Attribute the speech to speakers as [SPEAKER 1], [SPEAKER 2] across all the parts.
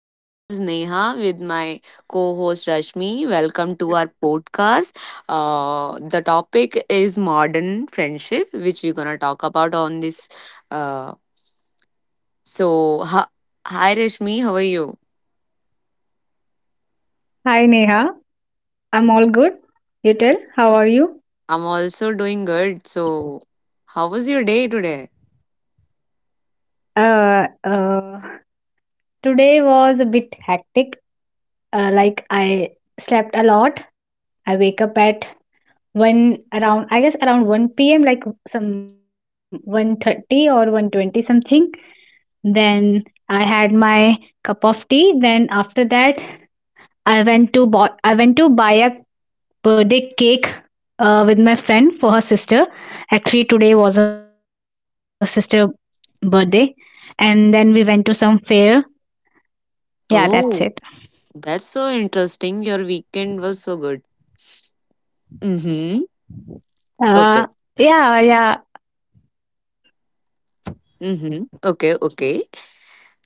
[SPEAKER 1] this is Neha with my co host Rashmi. Welcome to our podcast. The topic is modern friendship, which we're gonna talk about on this. Uh, so, ha- Hi Rashmi, how are you?
[SPEAKER 2] Hi, Neha, I'm all good. You tell, how are you?
[SPEAKER 1] I'm also doing good. So, how was your day today?
[SPEAKER 2] Uh, uh, Today was a bit hectic. Like I slept a lot. I wake up at one around, I guess around 1 p.m., like some 1:30 or 1:20 something. Then I had my cup of tea. Then after that, I I went to buy a birthday cake, with my friend for her sister. Actually, today was her sister birthday, and then we went to some fair. Yeah, that's it.
[SPEAKER 1] Oh, that's so interesting. Your weekend was so good. Mm-hmm.
[SPEAKER 2] Uh,
[SPEAKER 1] Okay.
[SPEAKER 2] yeah, yeah.
[SPEAKER 1] Mm-hmm. Okay, okay.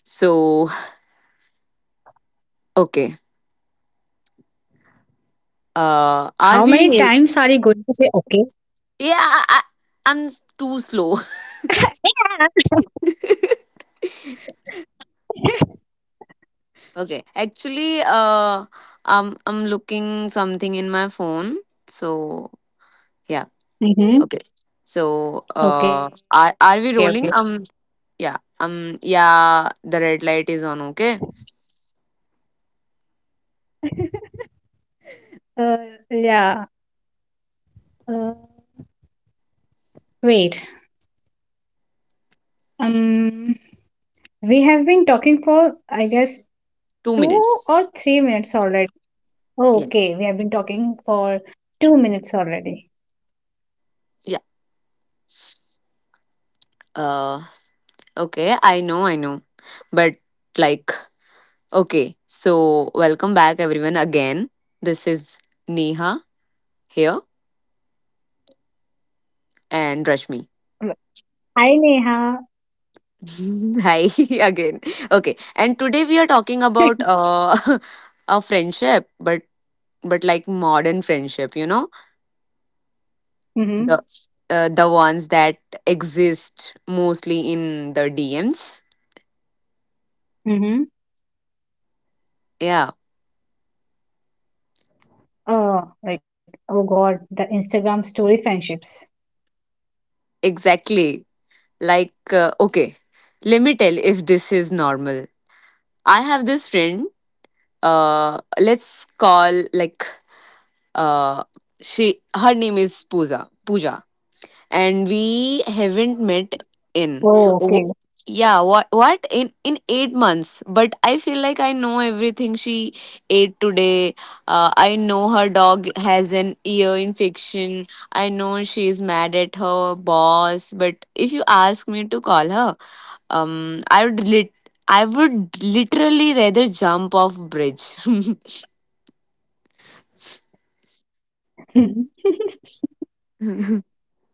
[SPEAKER 1] So, okay.
[SPEAKER 2] How
[SPEAKER 1] Are
[SPEAKER 2] many
[SPEAKER 1] we
[SPEAKER 2] times are you going to say
[SPEAKER 1] Yeah, I'm too slow.
[SPEAKER 2] okay?
[SPEAKER 1] Okay, actually, I'm looking something in my phone. So yeah,
[SPEAKER 2] Mm-hmm.
[SPEAKER 1] okay.
[SPEAKER 2] Okay, okay.
[SPEAKER 1] Are we rolling? Yeah, yeah. The red light is on. Okay,
[SPEAKER 2] Uh, yeah. Uh, Wait. Um, we have been talking for, I guess,
[SPEAKER 1] two
[SPEAKER 2] two
[SPEAKER 1] minutes.
[SPEAKER 2] or three minutes already. Oh,
[SPEAKER 1] Yeah,
[SPEAKER 2] okay, we have been talking for 2 minutes already.
[SPEAKER 1] yeah. Uh, okay. I know. But like, okay. So welcome back, everyone. Again, this is Neha here and Rashmi.
[SPEAKER 2] Hi, Neha.
[SPEAKER 1] Hi again. Okay, and today we are talking about a friendship, but like modern friendship, you know, the
[SPEAKER 2] Mm-hmm.
[SPEAKER 1] the ones that exist mostly in the DMs.
[SPEAKER 2] Mm-hmm.
[SPEAKER 1] Yeah,
[SPEAKER 2] Oh, like, oh God, the Instagram story friendships.
[SPEAKER 1] exactly. Okay, let me tell if this is normal. I have this friend. Let's call like uh, she her name is Pooja. And we haven't met
[SPEAKER 2] Oh,
[SPEAKER 1] in
[SPEAKER 2] okay.
[SPEAKER 1] w- yeah, what in 8 months, but I feel like I know everything she ate today. I know her dog has an ear infection. I know she's mad at her boss, but if you ask me to call her, um i would lit I would literally rather jump off bridge.
[SPEAKER 2] Mm-hmm.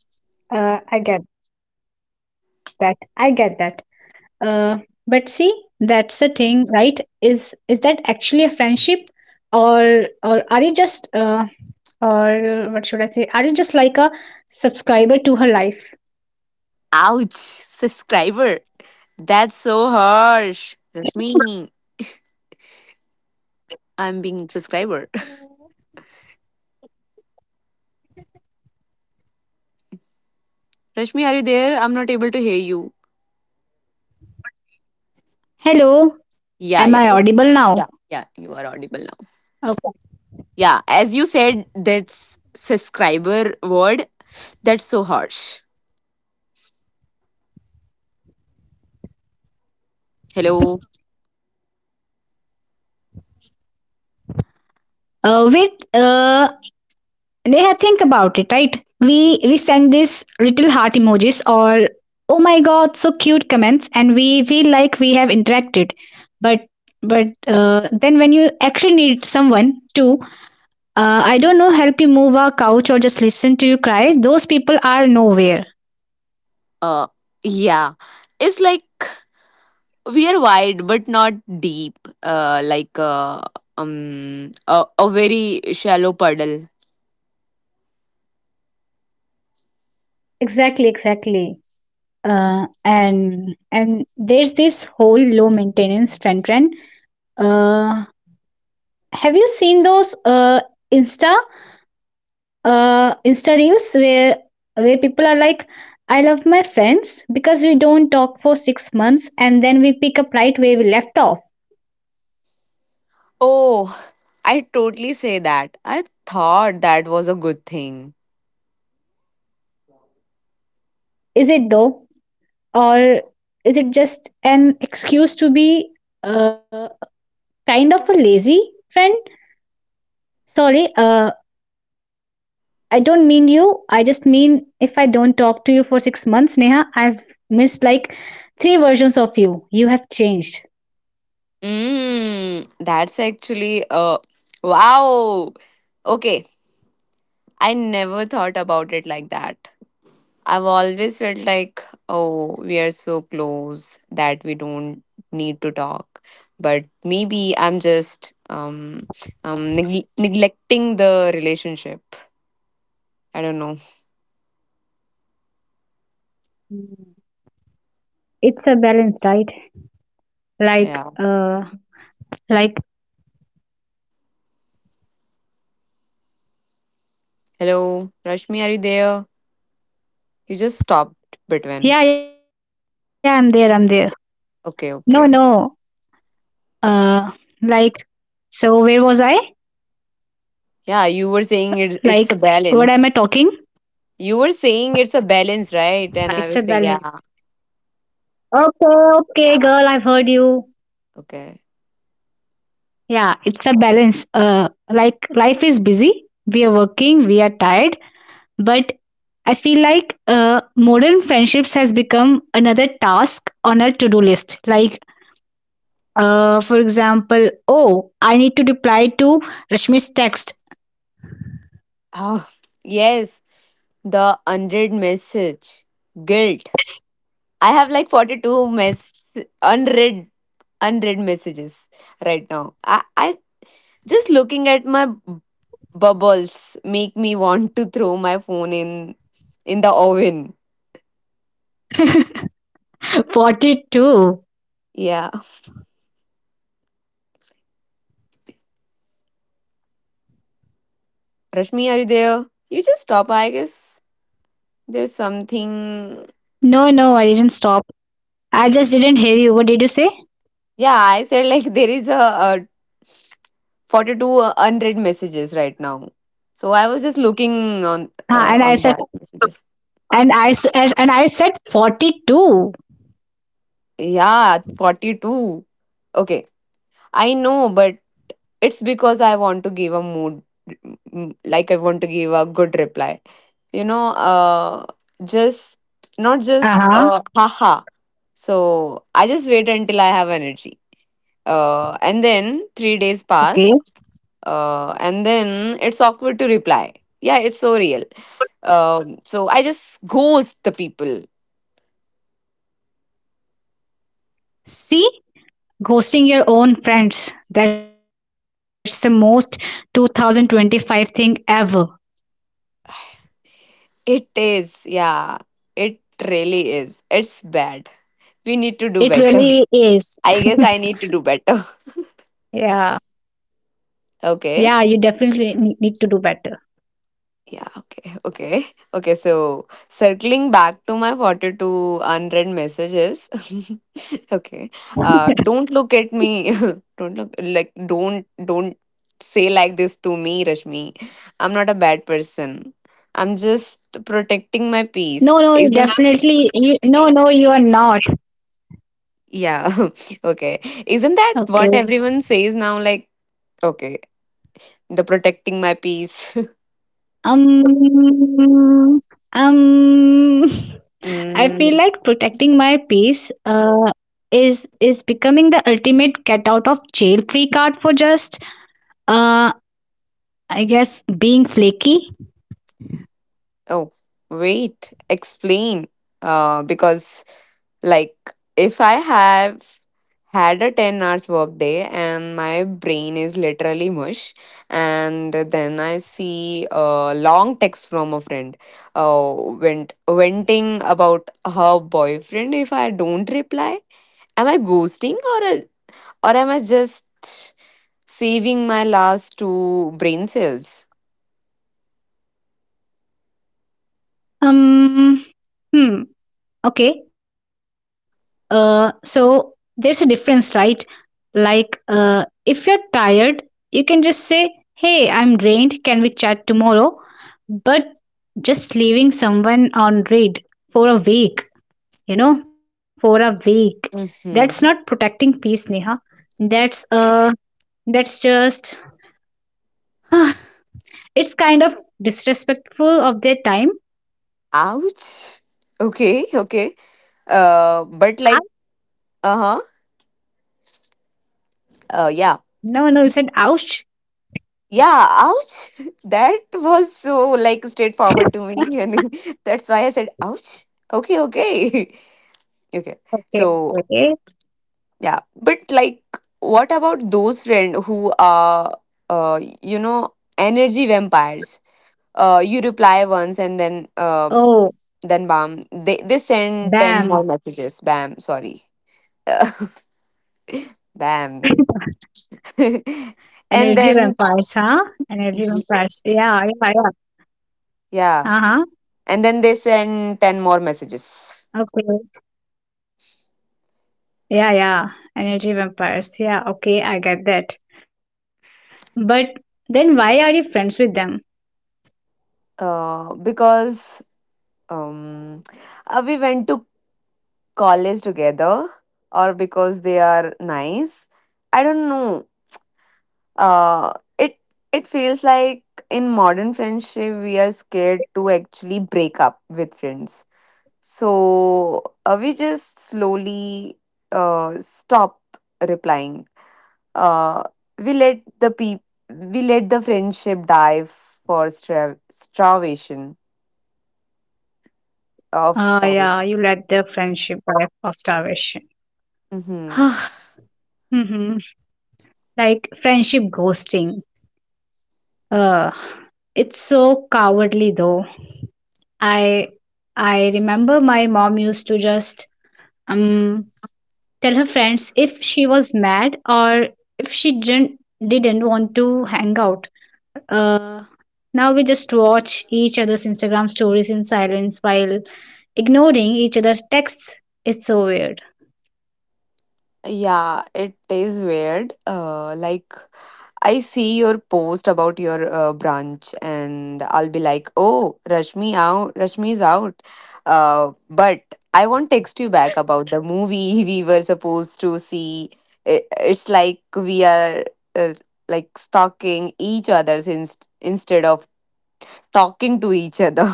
[SPEAKER 2] I get that. I get that. Uh, but see, that's the thing, right? Is that actually a friendship, or are you just, or what should I say? Are you just like a subscriber to her life?
[SPEAKER 1] Ouch, subscriber, that's so harsh, Rashmi. I'm being subscriber. Rashmi, are you there? I'm not able to hear you.
[SPEAKER 2] Hello,
[SPEAKER 1] Yeah,
[SPEAKER 2] am
[SPEAKER 1] yeah.
[SPEAKER 2] I audible
[SPEAKER 1] Yeah.
[SPEAKER 2] now?
[SPEAKER 1] Yeah, you are audible now.
[SPEAKER 2] Okay.
[SPEAKER 1] Yeah, as you said, that's subscriber word. That's so harsh. Hello.
[SPEAKER 2] Wait, Neha, think about it, right? We send these little heart emojis, or oh my god, so cute comments, and we feel like we have interacted. But then, when you actually need someone to, I don't know, help you move a couch or just listen to you cry, those people are nowhere.
[SPEAKER 1] Uh yeah. It's like we are wide but not deep. A very shallow puddle.
[SPEAKER 2] Exactly, exactly. And there's this whole low maintenance friend trend. Uh, Have you seen those Insta Insta reels where people are like, "I love my friends because we don't talk for 6 months and then we pick up right where we left off"?
[SPEAKER 1] Oh, I totally say that. I thought that was a good thing.
[SPEAKER 2] Is it though, or is it just an excuse to be, uh, kind of a lazy friend? Sorry, I don't mean you. I just mean if I don't talk to you for 6 months, Neha, I've missed like three versions of you. You have changed.
[SPEAKER 1] That's actually wow. Okay, I never thought about it like that. I've always felt like, oh, we are so close that we don't need to talk. But maybe I'm just neglecting the relationship. I don't know.
[SPEAKER 2] Mm, It's a balance, right? Like,
[SPEAKER 1] Yeah.
[SPEAKER 2] uh, like,
[SPEAKER 1] Hello, Rashmi, are you there? You just stopped
[SPEAKER 2] yeah, yeah, I'm
[SPEAKER 1] between.
[SPEAKER 2] there, I'm there. No, no,
[SPEAKER 1] Okay, okay.
[SPEAKER 2] uh like, so where was I?
[SPEAKER 1] Yeah, you were
[SPEAKER 2] Like
[SPEAKER 1] saying it's
[SPEAKER 2] what am
[SPEAKER 1] it's
[SPEAKER 2] I
[SPEAKER 1] a
[SPEAKER 2] talking
[SPEAKER 1] balance. You were saying it's a balance,
[SPEAKER 2] It's a
[SPEAKER 1] right? And I
[SPEAKER 2] balance.
[SPEAKER 1] was saying, yeah,
[SPEAKER 2] Okay, okay, girl, I've heard you.
[SPEAKER 1] okay.
[SPEAKER 2] Yeah, it's a balance. Like life is busy, we are working, we are tired, but I feel like modern friendships has become another task on our to-do list. Like, for example, oh, I need to reply to Rashmi's text.
[SPEAKER 1] Oh, yes, the unread message, guilt. I have like 42 mess unread unread messages right now. I just looking at my bubbles make me want to throw my phone in the oven.
[SPEAKER 2] 42.
[SPEAKER 1] Yeah. Rashmi, are you there? You just stop. I guess there's something.
[SPEAKER 2] No, no, I didn't stop. I just didn't hear you. What did you say?
[SPEAKER 1] Yeah, I said like there is a 42 unread messages right now. So I was just looking
[SPEAKER 2] Ah, and I
[SPEAKER 1] on
[SPEAKER 2] said,
[SPEAKER 1] that messages.
[SPEAKER 2] and I s- and I said 42.
[SPEAKER 1] Yeah, 42. Okay. I know, but it's because I want to give a mood, like I want to give a good reply. You know, just not
[SPEAKER 2] Uh-huh.
[SPEAKER 1] just haha. So I just wait until I have energy. And then 3 days
[SPEAKER 2] Okay.
[SPEAKER 1] pass. And then it's awkward to reply. Yeah, it's so real. So I just ghost the people.
[SPEAKER 2] See, ghosting your own friends. That's the most 2025 thing ever.
[SPEAKER 1] It is, yeah, it really is. It's bad. We
[SPEAKER 2] It
[SPEAKER 1] need to do
[SPEAKER 2] really
[SPEAKER 1] better.
[SPEAKER 2] is.
[SPEAKER 1] I guess I need to do better.
[SPEAKER 2] Yeah. Yeah,
[SPEAKER 1] Okay.
[SPEAKER 2] you definitely need to do better.
[SPEAKER 1] Yeah, okay, okay. Okay, so circling back to my 42 unread messages. Okay. Don't look at me. Don't say like this to me, Rashmi. I'm not a bad person. I'm just protecting my
[SPEAKER 2] No,
[SPEAKER 1] peace.
[SPEAKER 2] no, you
[SPEAKER 1] Isn't
[SPEAKER 2] definitely. No, no, you are not.
[SPEAKER 1] Yeah. Okay. Isn't that what
[SPEAKER 2] Okay.
[SPEAKER 1] everyone says now? Like, okay, the protecting my peace.
[SPEAKER 2] Um, um, I feel like
[SPEAKER 1] mm,
[SPEAKER 2] protecting my peace is becoming the ultimate get out of jail free card for just, uh, I guess, being flaky.
[SPEAKER 1] oh, wait. Explain. Because like if I have had a 10 hours work day and my brain is literally mush, and then I see a long text from a friend, venting about her boyfriend. If I don't reply, am I ghosting, or am I just saving my last two brain cells?
[SPEAKER 2] Um, hmm. Okay. So there's a difference, right? Like, if you're tired, you can just say, "Hey, I'm drained. Can we chat tomorrow?" But just leaving someone on read for a week, for a week, that's
[SPEAKER 1] Hmm.
[SPEAKER 2] not protecting peace, Neha. That's uh, that's just it's kind of disrespectful of their time.
[SPEAKER 1] Ouch. Okay, okay.
[SPEAKER 2] Ah,
[SPEAKER 1] But like uh-huh yeah.
[SPEAKER 2] no, no, it said ouch.
[SPEAKER 1] Yeah, ouch. That was so like straightforward to me. And that's why I said, ouch. Okay, okay. Okay.
[SPEAKER 2] Okay,
[SPEAKER 1] So,
[SPEAKER 2] okay.
[SPEAKER 1] yeah. But like, what about those friends who are, you know, energy vampires? You reply once and
[SPEAKER 2] Oh,
[SPEAKER 1] then bam, they send 10 more
[SPEAKER 2] damn.
[SPEAKER 1] messages. Bam, sorry. Bam.
[SPEAKER 2] Energy vampires,
[SPEAKER 1] And
[SPEAKER 2] huh?
[SPEAKER 1] then,
[SPEAKER 2] Energy vampires. Yeah, yeah, yeah. Uh-huh.
[SPEAKER 1] yeah. And then they send 10 more messages.
[SPEAKER 2] Okay. Yeah, yeah. Energy vampires. Yeah, okay, I get that. But then why are you friends with them?
[SPEAKER 1] Because um, we went to college together, or because they are nice. I don't know. uh, it it feels like in modern friendship we are scared to actually break up with friends, so we just
[SPEAKER 2] Yeah, yeah.
[SPEAKER 1] slowly stop replying. uh, we let the peop- we let the friendship die for stra- starvation of
[SPEAKER 2] Ah, yeah,
[SPEAKER 1] starvation.
[SPEAKER 2] you let the friendship die of starvation.
[SPEAKER 1] Mm-hmm.
[SPEAKER 2] Mm-hmm. Like friendship ghosting. Uh, it's so cowardly though. I I remember my mom used to just um tell her friends if she was mad or if she didn't want to hang out. Uh, Now we just watch each other's Instagram stories in silence while ignoring each other's texts. It's so weird.
[SPEAKER 1] Yeah, it is weird. Like I see your post about your brunch, and I'll be like, "Oh, Rashmi out. Rashmi's out." But I won't text you back about the movie we were supposed to see. It's like we are uh, like stalking each other's instead of talking to each other.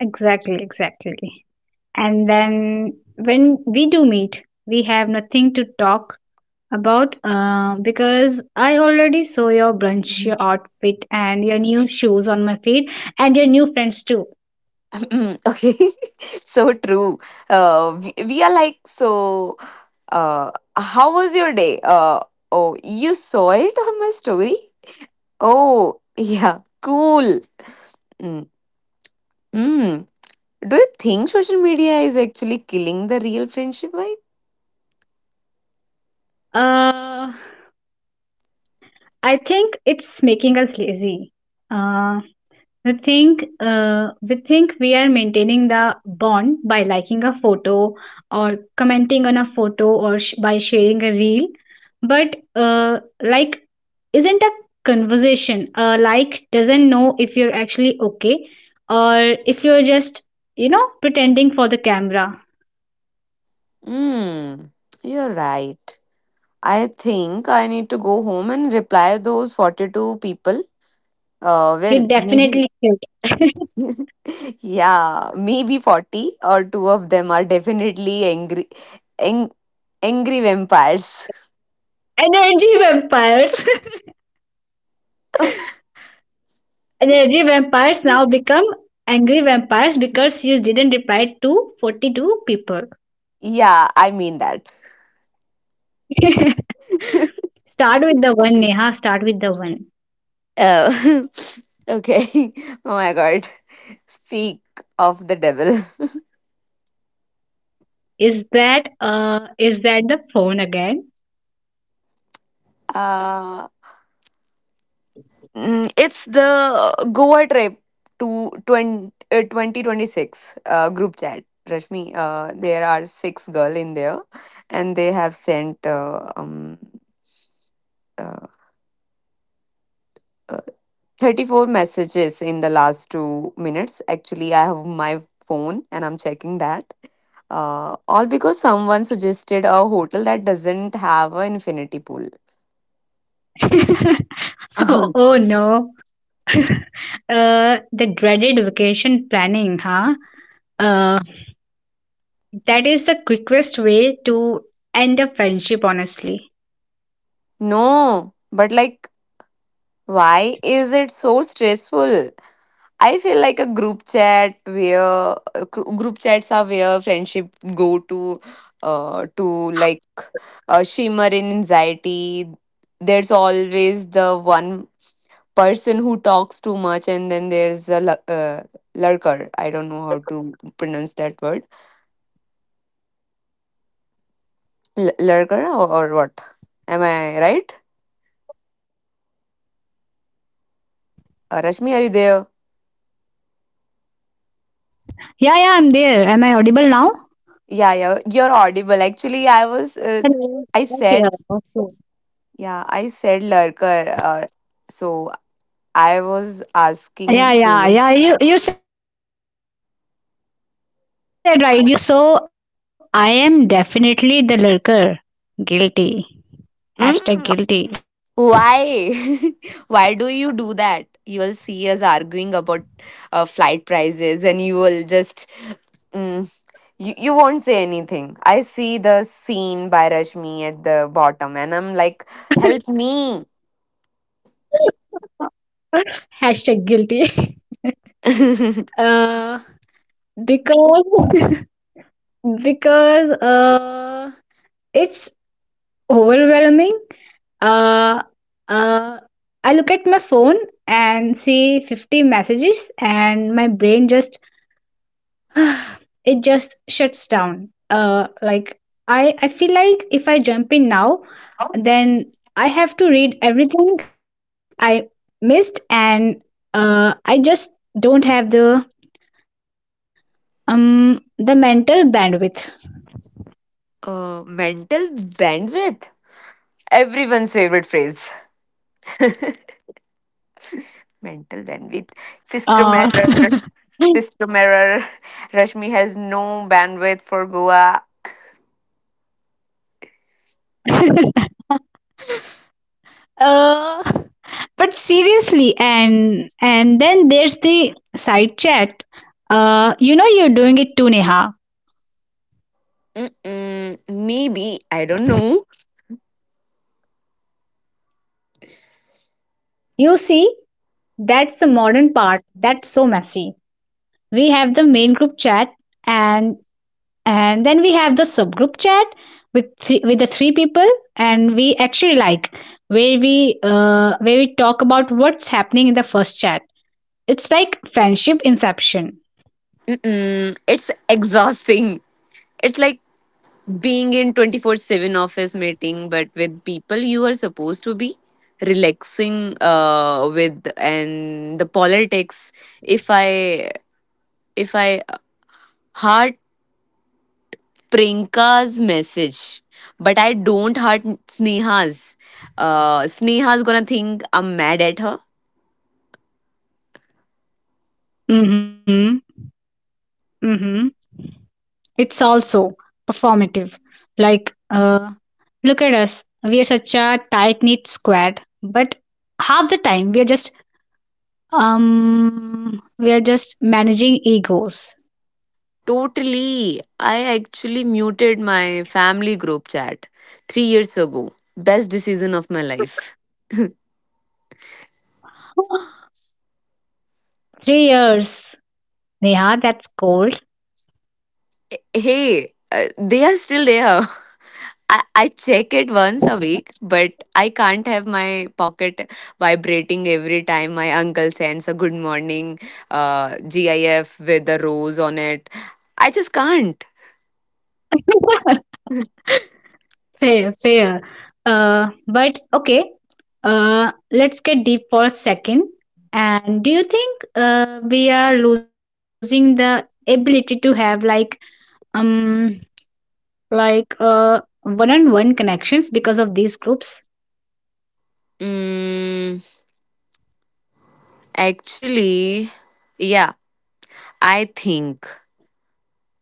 [SPEAKER 2] Exactly, exactly. And then when we do meet, we have nothing to talk about, because I already saw your brunch, your outfit, and your new shoes on my feed, and your new friends too.
[SPEAKER 1] Okay, so true. We are like, so, uh, how was your day? Oh, you saw it on my story? Oh, yeah, cool. Mm, mm. Do you think social media is actually killing the real friendship vibe?
[SPEAKER 2] Uh, I think it's making us lazy. Uh, we think we are maintaining the bond by liking a photo or commenting on a photo or by sharing a reel. But, like, isn't a conversation, like, doesn't know if you're actually okay, or if you're just pretending for the camera.
[SPEAKER 1] Mm, you're right. I think I need to go home and reply those 42 people. Well,
[SPEAKER 2] You
[SPEAKER 1] maybe
[SPEAKER 2] definitely should.
[SPEAKER 1] yeah, maybe 40 or two of them are definitely angry ang- angry vampires.
[SPEAKER 2] Energy vampires. Energy vampires now become angry vampires because you didn't reply to 42 people.
[SPEAKER 1] Yeah, I mean that.
[SPEAKER 2] Start with the one, Neha. Start with the one.
[SPEAKER 1] Oh, okay. Oh my god. Speak of the devil.
[SPEAKER 2] Is that the phone again?
[SPEAKER 1] uh, it's the Goa trip to 20, 2026 group chat. Rashmi, there are six girl in there, and they have sent uh, uh, 34 messages in the last 2 minutes. Actually, I have my phone and I'm checking that. All because someone suggested a hotel that doesn't have an infinity pool.
[SPEAKER 2] Oh, oh no. The dreaded vacation planning, huh? Uh that is the quickest way to end a friendship, honestly.
[SPEAKER 1] No, but like, why is it so stressful? I feel like a group chat where group chats are where friendship go to, uh, to like shimmer in anxiety. There's always the one person who talks too much, and then there's a lurker. I don't know how to pronounce that word. Lurker or what, am I right? Rashmi, are you there?
[SPEAKER 2] Yeah, yeah, I'm there. Am I audible now?
[SPEAKER 1] Yeah, yeah, you're audible. Actually
[SPEAKER 2] Hello.
[SPEAKER 1] I was
[SPEAKER 2] Okay.
[SPEAKER 1] s- I
[SPEAKER 2] Okay.
[SPEAKER 1] said, yeah, I said lurker. So I was
[SPEAKER 2] Yeah, yeah,
[SPEAKER 1] asking
[SPEAKER 2] yeah. You
[SPEAKER 1] to
[SPEAKER 2] you
[SPEAKER 1] you.
[SPEAKER 2] said right. You said right. It is lurker. Uh oh. So I am definitely the lurker. Guilty. Hashtag
[SPEAKER 1] Mm,
[SPEAKER 2] guilty.
[SPEAKER 1] why? Why do you do that? You will see us arguing about flight prices, and you will just mm, you, you won't say anything. I see the scene by Rashmi at the bottom, and I'm like, help me.
[SPEAKER 2] Hashtag guilty.
[SPEAKER 1] uh,
[SPEAKER 2] uh, because because it's overwhelming. Uh, uh, I look at my phone and see 50 messages, and my brain just it just shuts down. Like I feel like if I jump in now, then I have to read everything I missed, and, I just don't have the mental bandwidth.
[SPEAKER 1] Mental bandwidth. Everyone's favorite phrase. Mental bandwidth.
[SPEAKER 2] Uh,
[SPEAKER 1] System error. System error. Rashmi has no bandwidth for Goa.
[SPEAKER 2] uh, but seriously, and then there's the side chat. You know you're doing it too, Neha.
[SPEAKER 1] Mm-mm, maybe. I don't know.
[SPEAKER 2] You see, that's the modern part that's so messy. We have the main group chat, and and then we have the subgroup chat with with the three people, and we actually, like, where we talk about what's happening in the first chat. It's like friendship inception.
[SPEAKER 1] Mm-mm, it's exhausting. It's like being in 24/7 office meeting but with people you are supposed to be relaxing with. And the politics, if i if I heart Prinka's message but I don't heart Sneha's, Sneha's gonna think I'm mad at her.
[SPEAKER 2] Mhm. Mhm. It's also performative. Like, look at us. We are such a tight-knit squad, but half the time we are just managing egos.
[SPEAKER 1] Totally. I actually muted my family group chat 3 years ago. Best decision of my life.
[SPEAKER 2] 3 years, Neha. That's cold.
[SPEAKER 1] Hey, uh, they are still there. I check it once a week, but I can't have my pocket vibrating every time my uncle sends a good morning GIF with a rose on it. I just can't.
[SPEAKER 2] Fair, fair. But okay. Let's get deep for a second. And do you think we are losing the ability to have um like one-on-one connections because of these groups?
[SPEAKER 1] Mm, Actually, yeah, I think.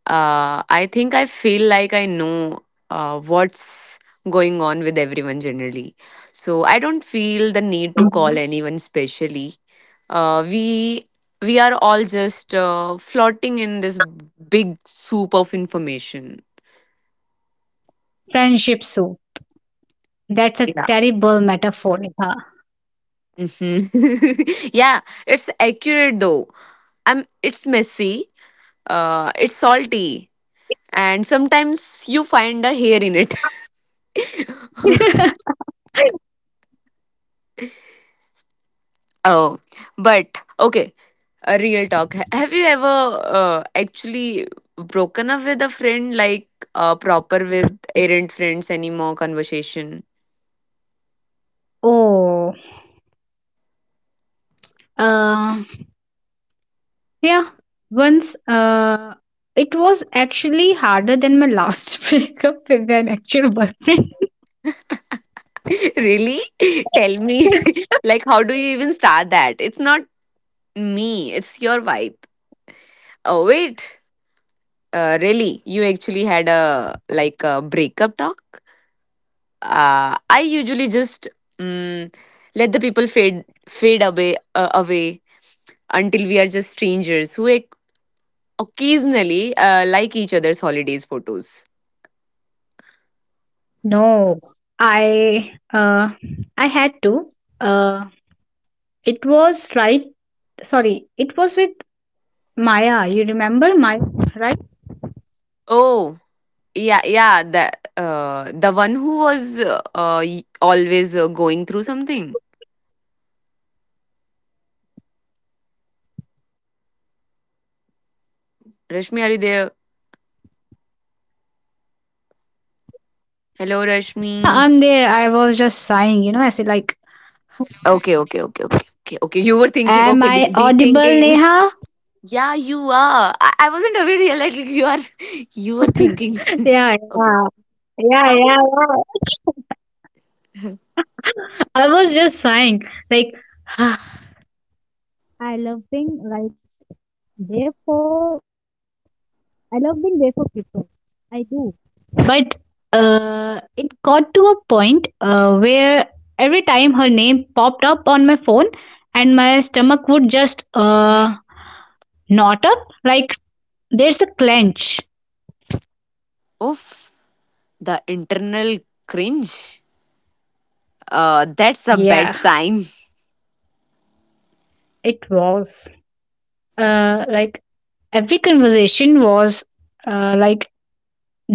[SPEAKER 1] I think I feel like I know what's going on with everyone generally. So I don't feel the need to
[SPEAKER 2] Mhm.
[SPEAKER 1] call anyone specially. Uh, we we are all just floating in this big soup of information.
[SPEAKER 2] Friendship, so that's a
[SPEAKER 1] Yeah.
[SPEAKER 2] terrible metaphor,
[SPEAKER 1] Mhm. Yeah, it's accurate though. I'm. It's messy. It's salty, and sometimes you find a hair in it.
[SPEAKER 2] Neha.
[SPEAKER 1] Oh, but okay, a real talk. Have you ever actually broken up with a friend, like proper with errant friends anymore conversation?
[SPEAKER 2] Oh. Uh, yeah, once, it was actually harder than my last breakup with an actual boyfriend.
[SPEAKER 1] Really? Tell me, like, how do you even start that? It's not me, it's your vibe. Oh, wait. Really? You actually had a, like, a breakup talk? I usually just mm let the people fade away, until we are just strangers who occasionally like each other's holidays photos.
[SPEAKER 2] No, I uh, I had to. Uh, it was right. Sorry, it was with Maya. You remember Maya, right?
[SPEAKER 1] Oh, yeah yeah the one who was always going through something. Rashmi, are you there? Hello Rashmi.
[SPEAKER 2] I'm there. I was just sighing. You know, I said, like,
[SPEAKER 1] Okay okay okay okay okay okay, you were thinking.
[SPEAKER 2] "Am
[SPEAKER 1] Okay,
[SPEAKER 2] I
[SPEAKER 1] deep
[SPEAKER 2] audible,
[SPEAKER 1] thinking.
[SPEAKER 2] Neha?"
[SPEAKER 1] Yeah, you are. I wasn't aware. Yeah, like, you are you were thinking.
[SPEAKER 2] Yeah,
[SPEAKER 1] Okay.
[SPEAKER 2] yeah, yeah, yeah. Yeah. I was just sighing, like. Yeah, that's the one. And look, I love being there for people. I do. But, it got to a point, where every time her name popped up on my phone, and my stomach would just knot up. Like, there's a clench.
[SPEAKER 1] Oof, the internal cringe. That's a bad sign.
[SPEAKER 2] It was. Like every conversation was, like,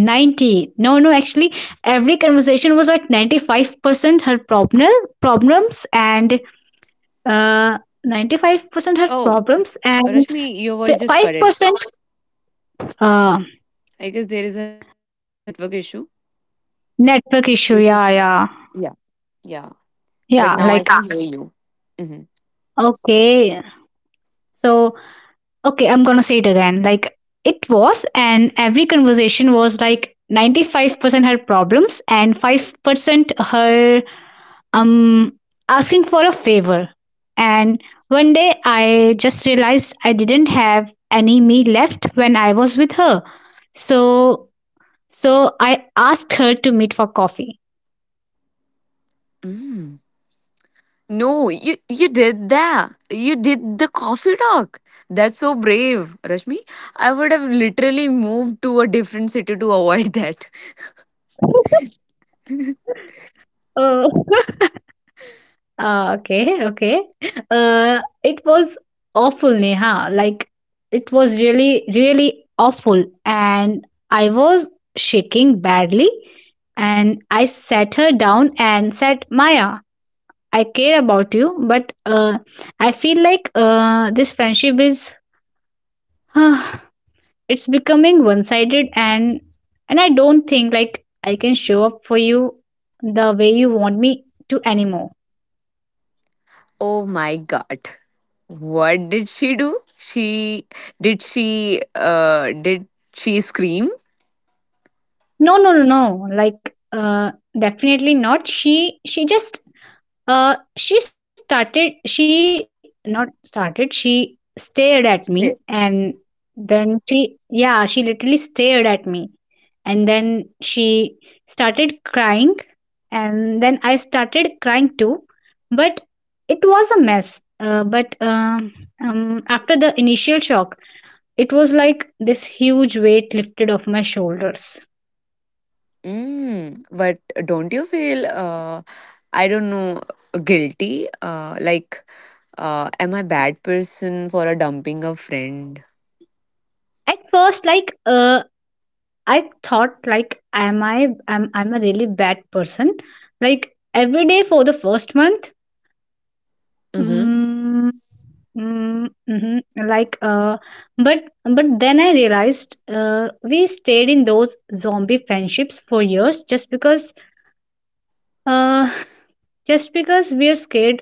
[SPEAKER 2] 90, no, no, actually conversation was like 95% her problems and, uh 95% her
[SPEAKER 1] Oh,
[SPEAKER 2] problems and
[SPEAKER 1] Rashmi, your voice just cut it.
[SPEAKER 2] 5%, uh
[SPEAKER 1] I guess there is a network issue. You
[SPEAKER 2] network
[SPEAKER 1] just
[SPEAKER 2] issue. Yeah, yeah,
[SPEAKER 1] yeah, but now
[SPEAKER 2] yeah.
[SPEAKER 1] I can
[SPEAKER 2] Like,
[SPEAKER 1] hear you. Mhm.
[SPEAKER 2] okay, so, okay, I'm gonna say it again. Like, it was, and every conversation was like 95% her problems and 5% her, um asking for a favor, and one day I just realized I didn't have any me left when I was with her. So so I asked her to meet for coffee.
[SPEAKER 1] Mm. No, you did that. You did the coffee talk. That's so brave, Rashmi. I would have literally moved to a different city to avoid that.
[SPEAKER 2] Uh, Ah, okay, okay. Uh, it was awful, Neha. Like, it was really, really awful. And I was shaking badly. And I sat her down and said, Maya, I care about you, but, I feel like this friendship is, it's becoming one-sided, and I don't think like I can show up for you the way you want me to anymore.
[SPEAKER 1] Oh my god. What did she do? She did she did she scream?
[SPEAKER 2] No, no, no, no. Like, definitely not. She just, she started, she, not started, she stared at me, and
[SPEAKER 1] Still.
[SPEAKER 2] then she, yeah, she literally stared at me, and then she started crying, and then I started crying too. But it was a mess. But, after the initial shock, it was like this huge weight lifted off my shoulders.
[SPEAKER 1] Mm, but don't you feel I don't know, guilty? Uh like am I bad person for a dumping a friend?
[SPEAKER 2] At first, like, I thought, like, am I am I'm a really bad person. Like every day for the first month, mm, mm, hmm like, but then I realized we stayed in those zombie friendships for years just because, uh, just because we're scared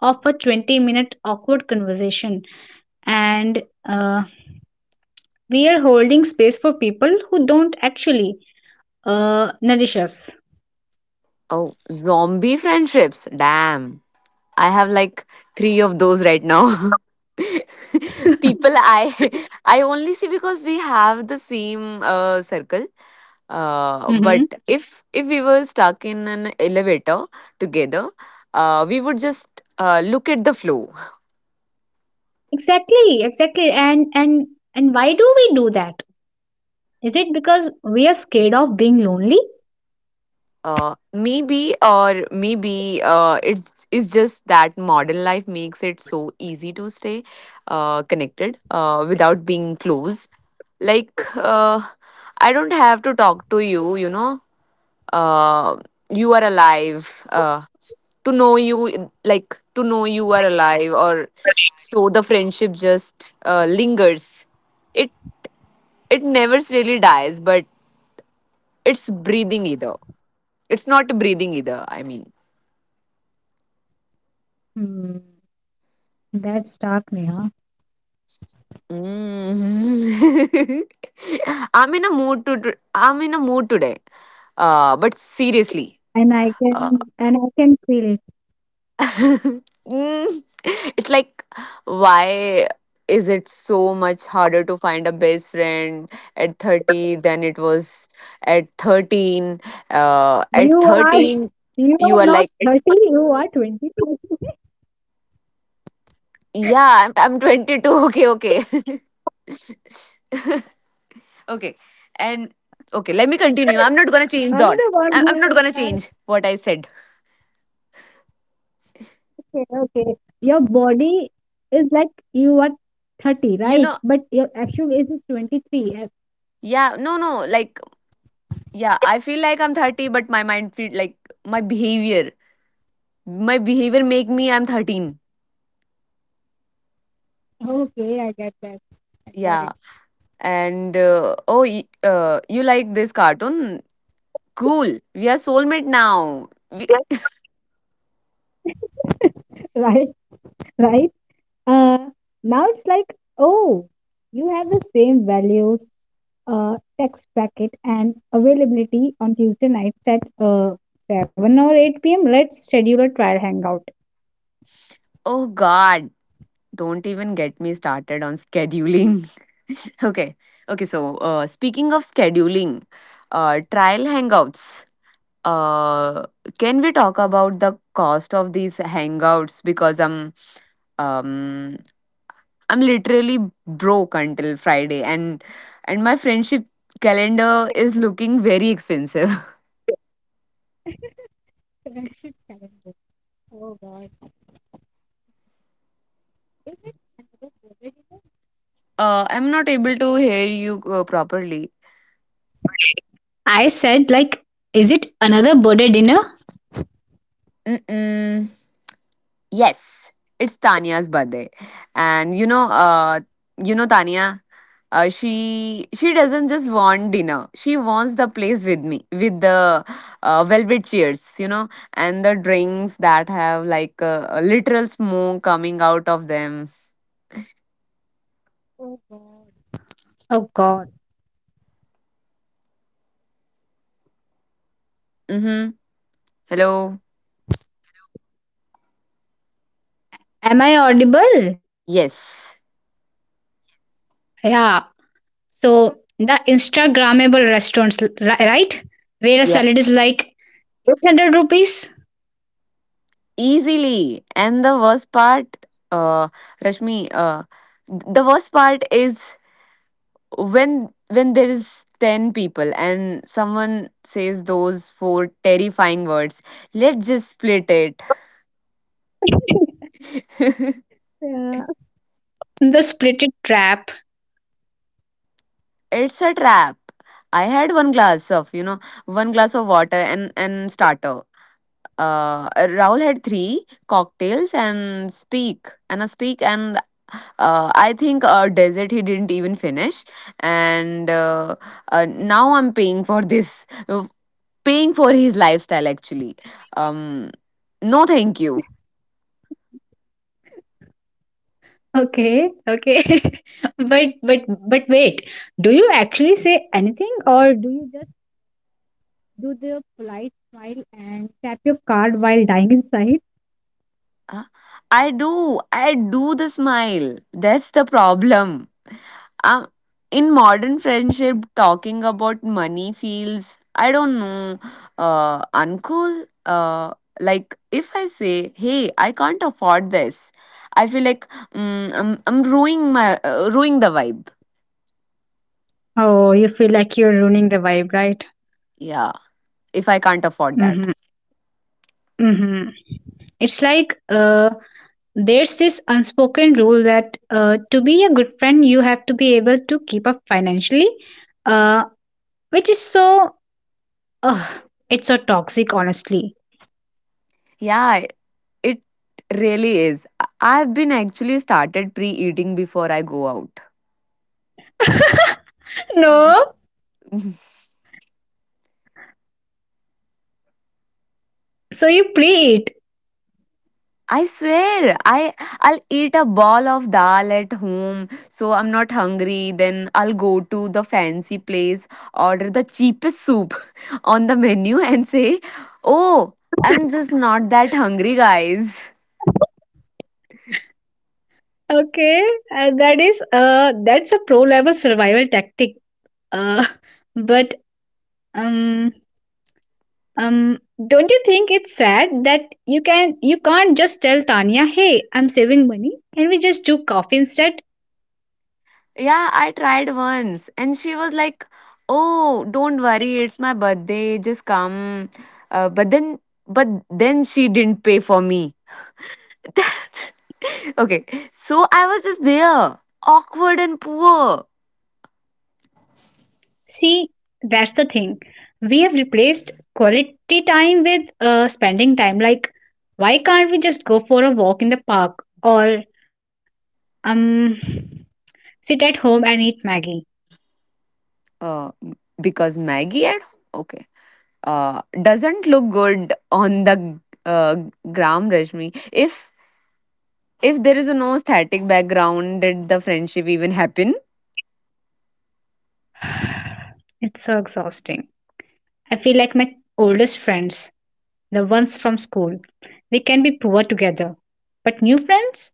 [SPEAKER 2] of a 20-minute awkward conversation, and, uh, we are holding space for people who don't actually, nourish us.
[SPEAKER 1] Oh, zombie friendships. Damn. I have like three of those right now. People I I only see because we have the same circle.
[SPEAKER 2] Mhm.
[SPEAKER 1] But if we were stuck in an elevator together, we would just look at the floor.
[SPEAKER 2] Exactly, exactly. And why do we do that? Is it because we are scared of being lonely?
[SPEAKER 1] Maybe, or maybe it's just that modern life makes it so easy to stay connected without being close. Like uh, I don't have to talk to you, you know. Uh, you are alive. To know you, like, to know you are alive, or so the friendship just lingers. It it never really dies, but it's breathing either. It's not breathing either. I mean.
[SPEAKER 2] Hmm, that's dark, Neha.
[SPEAKER 1] Mm. I'm in a mood today. But seriously,
[SPEAKER 2] And I
[SPEAKER 1] uh,
[SPEAKER 2] can and I can feel it.
[SPEAKER 1] mm, it's like, why is it so much harder to find a best friend at 30 than it was at 13? At
[SPEAKER 2] You are
[SPEAKER 1] 13,
[SPEAKER 2] you are
[SPEAKER 1] you are
[SPEAKER 2] not
[SPEAKER 1] like,
[SPEAKER 2] 30, you are 20.
[SPEAKER 1] yeah, I'm 22. Okay, okay. Okay. And okay,
[SPEAKER 2] I'm
[SPEAKER 1] let me
[SPEAKER 2] the one
[SPEAKER 1] continue. I'm
[SPEAKER 2] who
[SPEAKER 1] not
[SPEAKER 2] says
[SPEAKER 1] gonna change
[SPEAKER 2] that
[SPEAKER 1] that. I'm not gonna change what I said.
[SPEAKER 2] okay, okay. Your body is like you are 30, right? But
[SPEAKER 1] You
[SPEAKER 2] your
[SPEAKER 1] know,
[SPEAKER 2] actual age is 23.
[SPEAKER 1] yeah, no, no, like, yeah, I feel like I'm 30, but my mind feel like my behavior, my behavior make me I'm 13.
[SPEAKER 2] Okay, I get that. I got
[SPEAKER 1] Yeah. And oh, you like this cartoon? Cool. We are soulmate now.
[SPEAKER 2] it.
[SPEAKER 1] We-
[SPEAKER 2] Right. Right. Uh, Now it's like, oh, you have the same values, tax bracket, and availability on Tuesday nights at 7 or 8 p.m. Let's schedule a trial hangout.
[SPEAKER 1] oh God, don't even get me started on scheduling. Okay. Okay. So, speaking of scheduling, trial hangouts. Uh, can we talk about the cost of these hangouts? Because um I'm literally broke until Friday, and my friendship calendar is looking very expensive.
[SPEAKER 2] Corrected calendar. Oh God, is it another birthday dinner?
[SPEAKER 1] I'm not able to hear you properly.
[SPEAKER 2] I said, like, is it another birthday dinner?
[SPEAKER 1] Mm-mm. Yes, it's Tanya's birthday, and you know Tanya, she doesn't just want dinner. She wants the place with me, with the velvet chairs, you know, and the drinks that have like a literal smoke coming out of them.
[SPEAKER 2] Oh God. Oh God.
[SPEAKER 1] Mm-hmm. Hello.
[SPEAKER 2] Am I audible?
[SPEAKER 1] Yes.
[SPEAKER 2] Yeah. So the Instagrammable restaurants, right? Where a
[SPEAKER 1] Yeah.
[SPEAKER 2] salad is like 800 rupees.
[SPEAKER 1] Easily. And the worst part, uh, Rashmi, the worst part is when there is 10 people and someone says those four terrifying words, let's just split it.
[SPEAKER 2] Yeah. The split it trap.
[SPEAKER 1] It's a trap. I had one glass of, one glass of water and starter. Uh, Raul had three cocktails and steak and I think Desert he didn't even finish, and now I'm paying for this, paying for his lifestyle actually. Um, no, thank you.
[SPEAKER 2] Okay, okay. But but but wait, do you actually say anything or do you just do the polite smile and tap your card while dying inside?
[SPEAKER 1] Uh, I do the smile. That's the problem. Um, in modern friendship talking about money feels, I don't know, uncool. Like if I say, hey, I can't afford this, I feel like, mm, I'm ruining my ruining the vibe.
[SPEAKER 2] Oh, you feel like you're ruining the vibe, right?
[SPEAKER 1] Yeah, if I can't afford
[SPEAKER 2] Mm-hmm.
[SPEAKER 1] that.
[SPEAKER 2] Mm-hmm. It's like there's this unspoken rule that to be a good friend, you have to be able to keep up financially, uh, which is so Ugh, it's so toxic, honestly.
[SPEAKER 1] Yeah, it really is. I've been actually started pre-eating before I go out.
[SPEAKER 2] No. So you play it.
[SPEAKER 1] I swear, I'll eat a ball of dal at home, so I'm not hungry. Then I'll go to the fancy place, order the cheapest soup on the menu, and say, "Oh, I'm just not that hungry, guys."
[SPEAKER 2] Okay. That is that's a pro level survival tactic. Uh, but um um don't you think it's sad that you can't just tell Tanya, "Hey, I'm saving money. Can we just do coffee instead?"
[SPEAKER 1] Yeah, I tried once, and she was like, "Oh, don't worry, it's my birthday. Just come." Uh, but then, but then she didn't pay for me. Okay, so I was just there, awkward and poor.
[SPEAKER 2] See, that's the thing. We have replaced quality time with spending time, like why can't we just go for a walk in the park or Um, sit at home and eat Maggie.
[SPEAKER 1] Uh, because Maggie at home? Okay. Doesn't look good on the uh, gram, Rashmi. If there is a no static background, did the friendship even happen?
[SPEAKER 2] It's so exhausting. I feel like my oldest friends, the ones from school. We can be poor together. But new friends?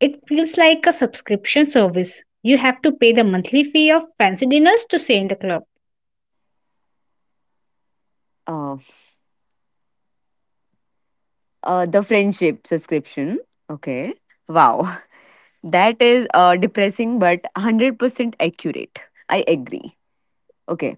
[SPEAKER 2] It feels like a subscription service. You have to pay the monthly fee of fancy dinners to stay in the club.
[SPEAKER 1] Uh, the friendship subscription. Okay. Wow. That is depressing but 100% accurate. I agree. Okay.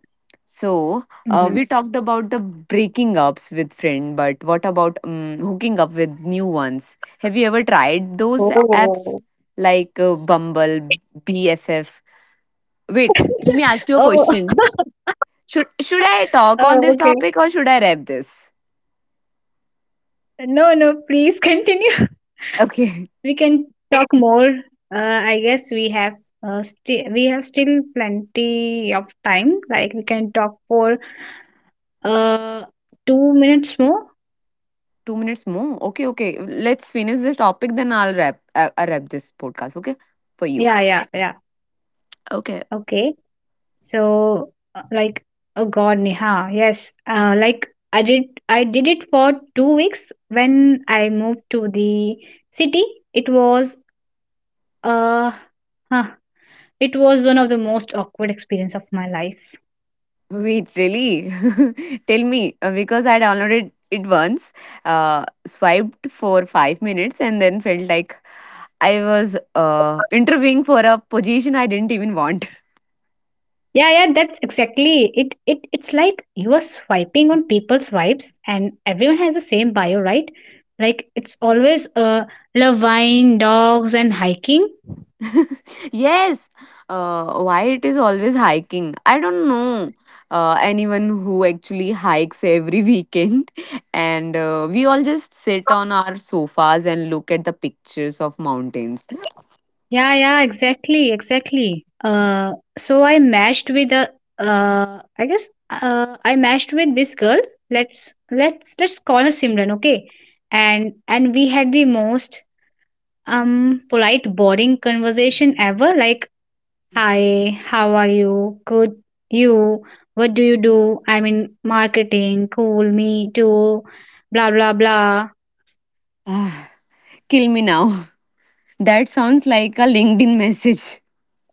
[SPEAKER 1] So, we
[SPEAKER 2] Mhm.
[SPEAKER 1] talked about the breaking ups with friend, but what about hooking up with new ones? Have you ever tried those apps
[SPEAKER 2] Oh.
[SPEAKER 1] like Bumble, BFF? Wait, let me ask you a
[SPEAKER 2] Oh,
[SPEAKER 1] question. Should I talk
[SPEAKER 2] oh,
[SPEAKER 1] on this
[SPEAKER 2] okay.
[SPEAKER 1] topic or should I wrap this?
[SPEAKER 2] No, no, please continue.
[SPEAKER 1] Okay,
[SPEAKER 2] We can talk more. I guess we have still plenty of time. Like we can talk for uh 2 minutes more.
[SPEAKER 1] 2 minutes more. Okay, okay. Let's finish this topic, then I'll wrap. I'll wrap this podcast. Okay, for you.
[SPEAKER 2] Yeah, yeah, yeah.
[SPEAKER 1] Okay.
[SPEAKER 2] Okay. So like oh god, Neha. Yes. Like I did it for 2 weeks when I moved to the city. It was uh huh, it was one of the most awkward experience of my life.
[SPEAKER 1] Wait, really? Tell me, because I downloaded it once, swiped for 5 minutes, and then felt like I was interviewing for a position I didn't even want.
[SPEAKER 2] Yeah, yeah, that's exactly it. It's like you are swiping on people's vibes, and everyone has the same bio, right? Like it's always love wine, dogs, and hiking.
[SPEAKER 1] Yes, why it is always hiking? I don't know anyone who actually hikes every weekend, and we all just sit on our sofas and look at the pictures of mountains.
[SPEAKER 2] Yeah, yeah, exactly, exactly. So, I guess, I matched with this girl. Let's call her Simran, okay? And we had the most polite, boring conversation ever. Like, "Hi, how are you?" "Good. You, what do you do?" "I'm in marketing. Cool, me too. Blah blah blah."
[SPEAKER 1] Kill me now. That sounds like a LinkedIn message.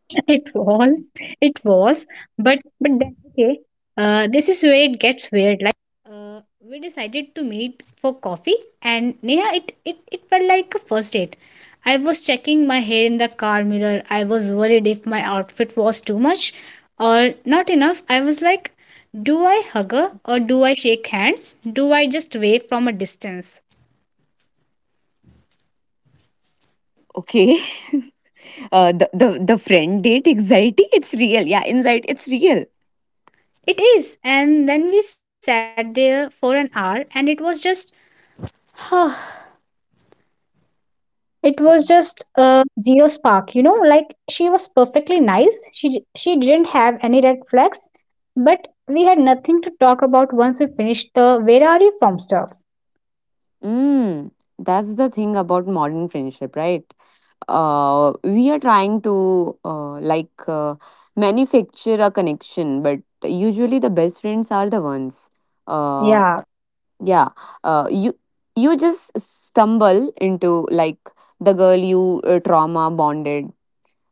[SPEAKER 2] It was, it was, but that's okay. This is very
[SPEAKER 1] Okay. Uh, the friend date anxiety, it's real. Yeah, anxiety, it's real.
[SPEAKER 2] like she was perfectly nice. She didn't have any red flags, but we had nothing to talk about once we finished the where are you from stuff.
[SPEAKER 1] Mm, that's the thing about modern friendship, right? We are trying to, manufacture a connection, but usually the best friends are the ones. Uh,
[SPEAKER 2] Yeah.
[SPEAKER 1] yeah. You, you just stumble into, like, the girl you trauma bonded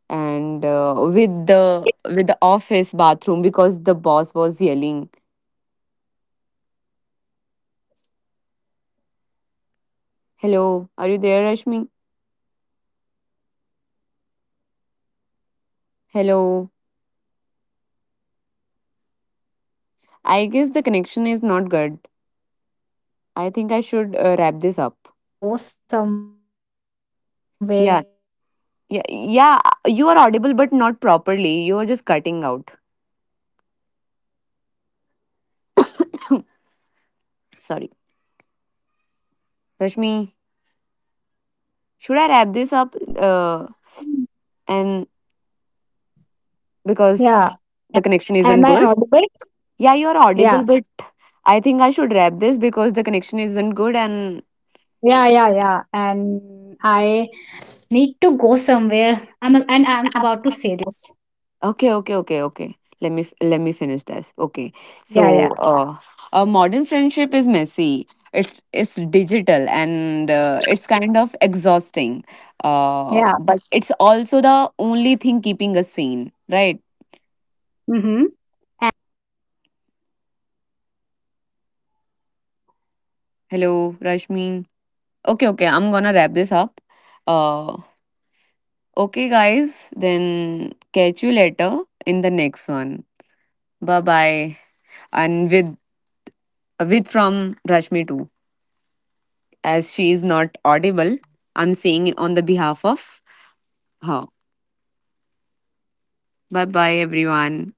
[SPEAKER 1] and with the office bathroom because the boss was yelling.
[SPEAKER 2] Yeah.
[SPEAKER 1] Hello, are you there, Rashmi? Hello. I guess the connection is not good. I think I should wrap this up. Yeah, yeah, yeah. You are audible but not properly. You are just cutting out.
[SPEAKER 2] Hello.
[SPEAKER 1] Sorry, Rashmi, should I wrap this up, uh, and
[SPEAKER 2] Yeah.
[SPEAKER 1] because the connection
[SPEAKER 2] Am
[SPEAKER 1] isn't
[SPEAKER 2] I
[SPEAKER 1] good?
[SPEAKER 2] audible?
[SPEAKER 1] Yeah, you are audible,
[SPEAKER 2] Yeah.
[SPEAKER 1] but I think I should wrap this because the connection isn't good and
[SPEAKER 2] Yeah, yeah, yeah. And I need to go somewhere. I'm about to say this.
[SPEAKER 1] Okay, okay, okay, okay. Let me finish this. Okay,
[SPEAKER 2] Yeah,
[SPEAKER 1] so
[SPEAKER 2] yeah.
[SPEAKER 1] a modern friendship is messy. It's digital and it's kind of exhausting.
[SPEAKER 2] Yeah.
[SPEAKER 1] But it's also the only thing keeping us sane, right?
[SPEAKER 2] Mm-hmm.
[SPEAKER 1] Hello, Rashmi. Okay, okay. I'm gonna wrap this up. Uh, okay, guys. Then catch you later in the next one. Bye bye. And with from Rashmi too. As she is not audible, I'm saying on the behalf of her. Bye bye, everyone.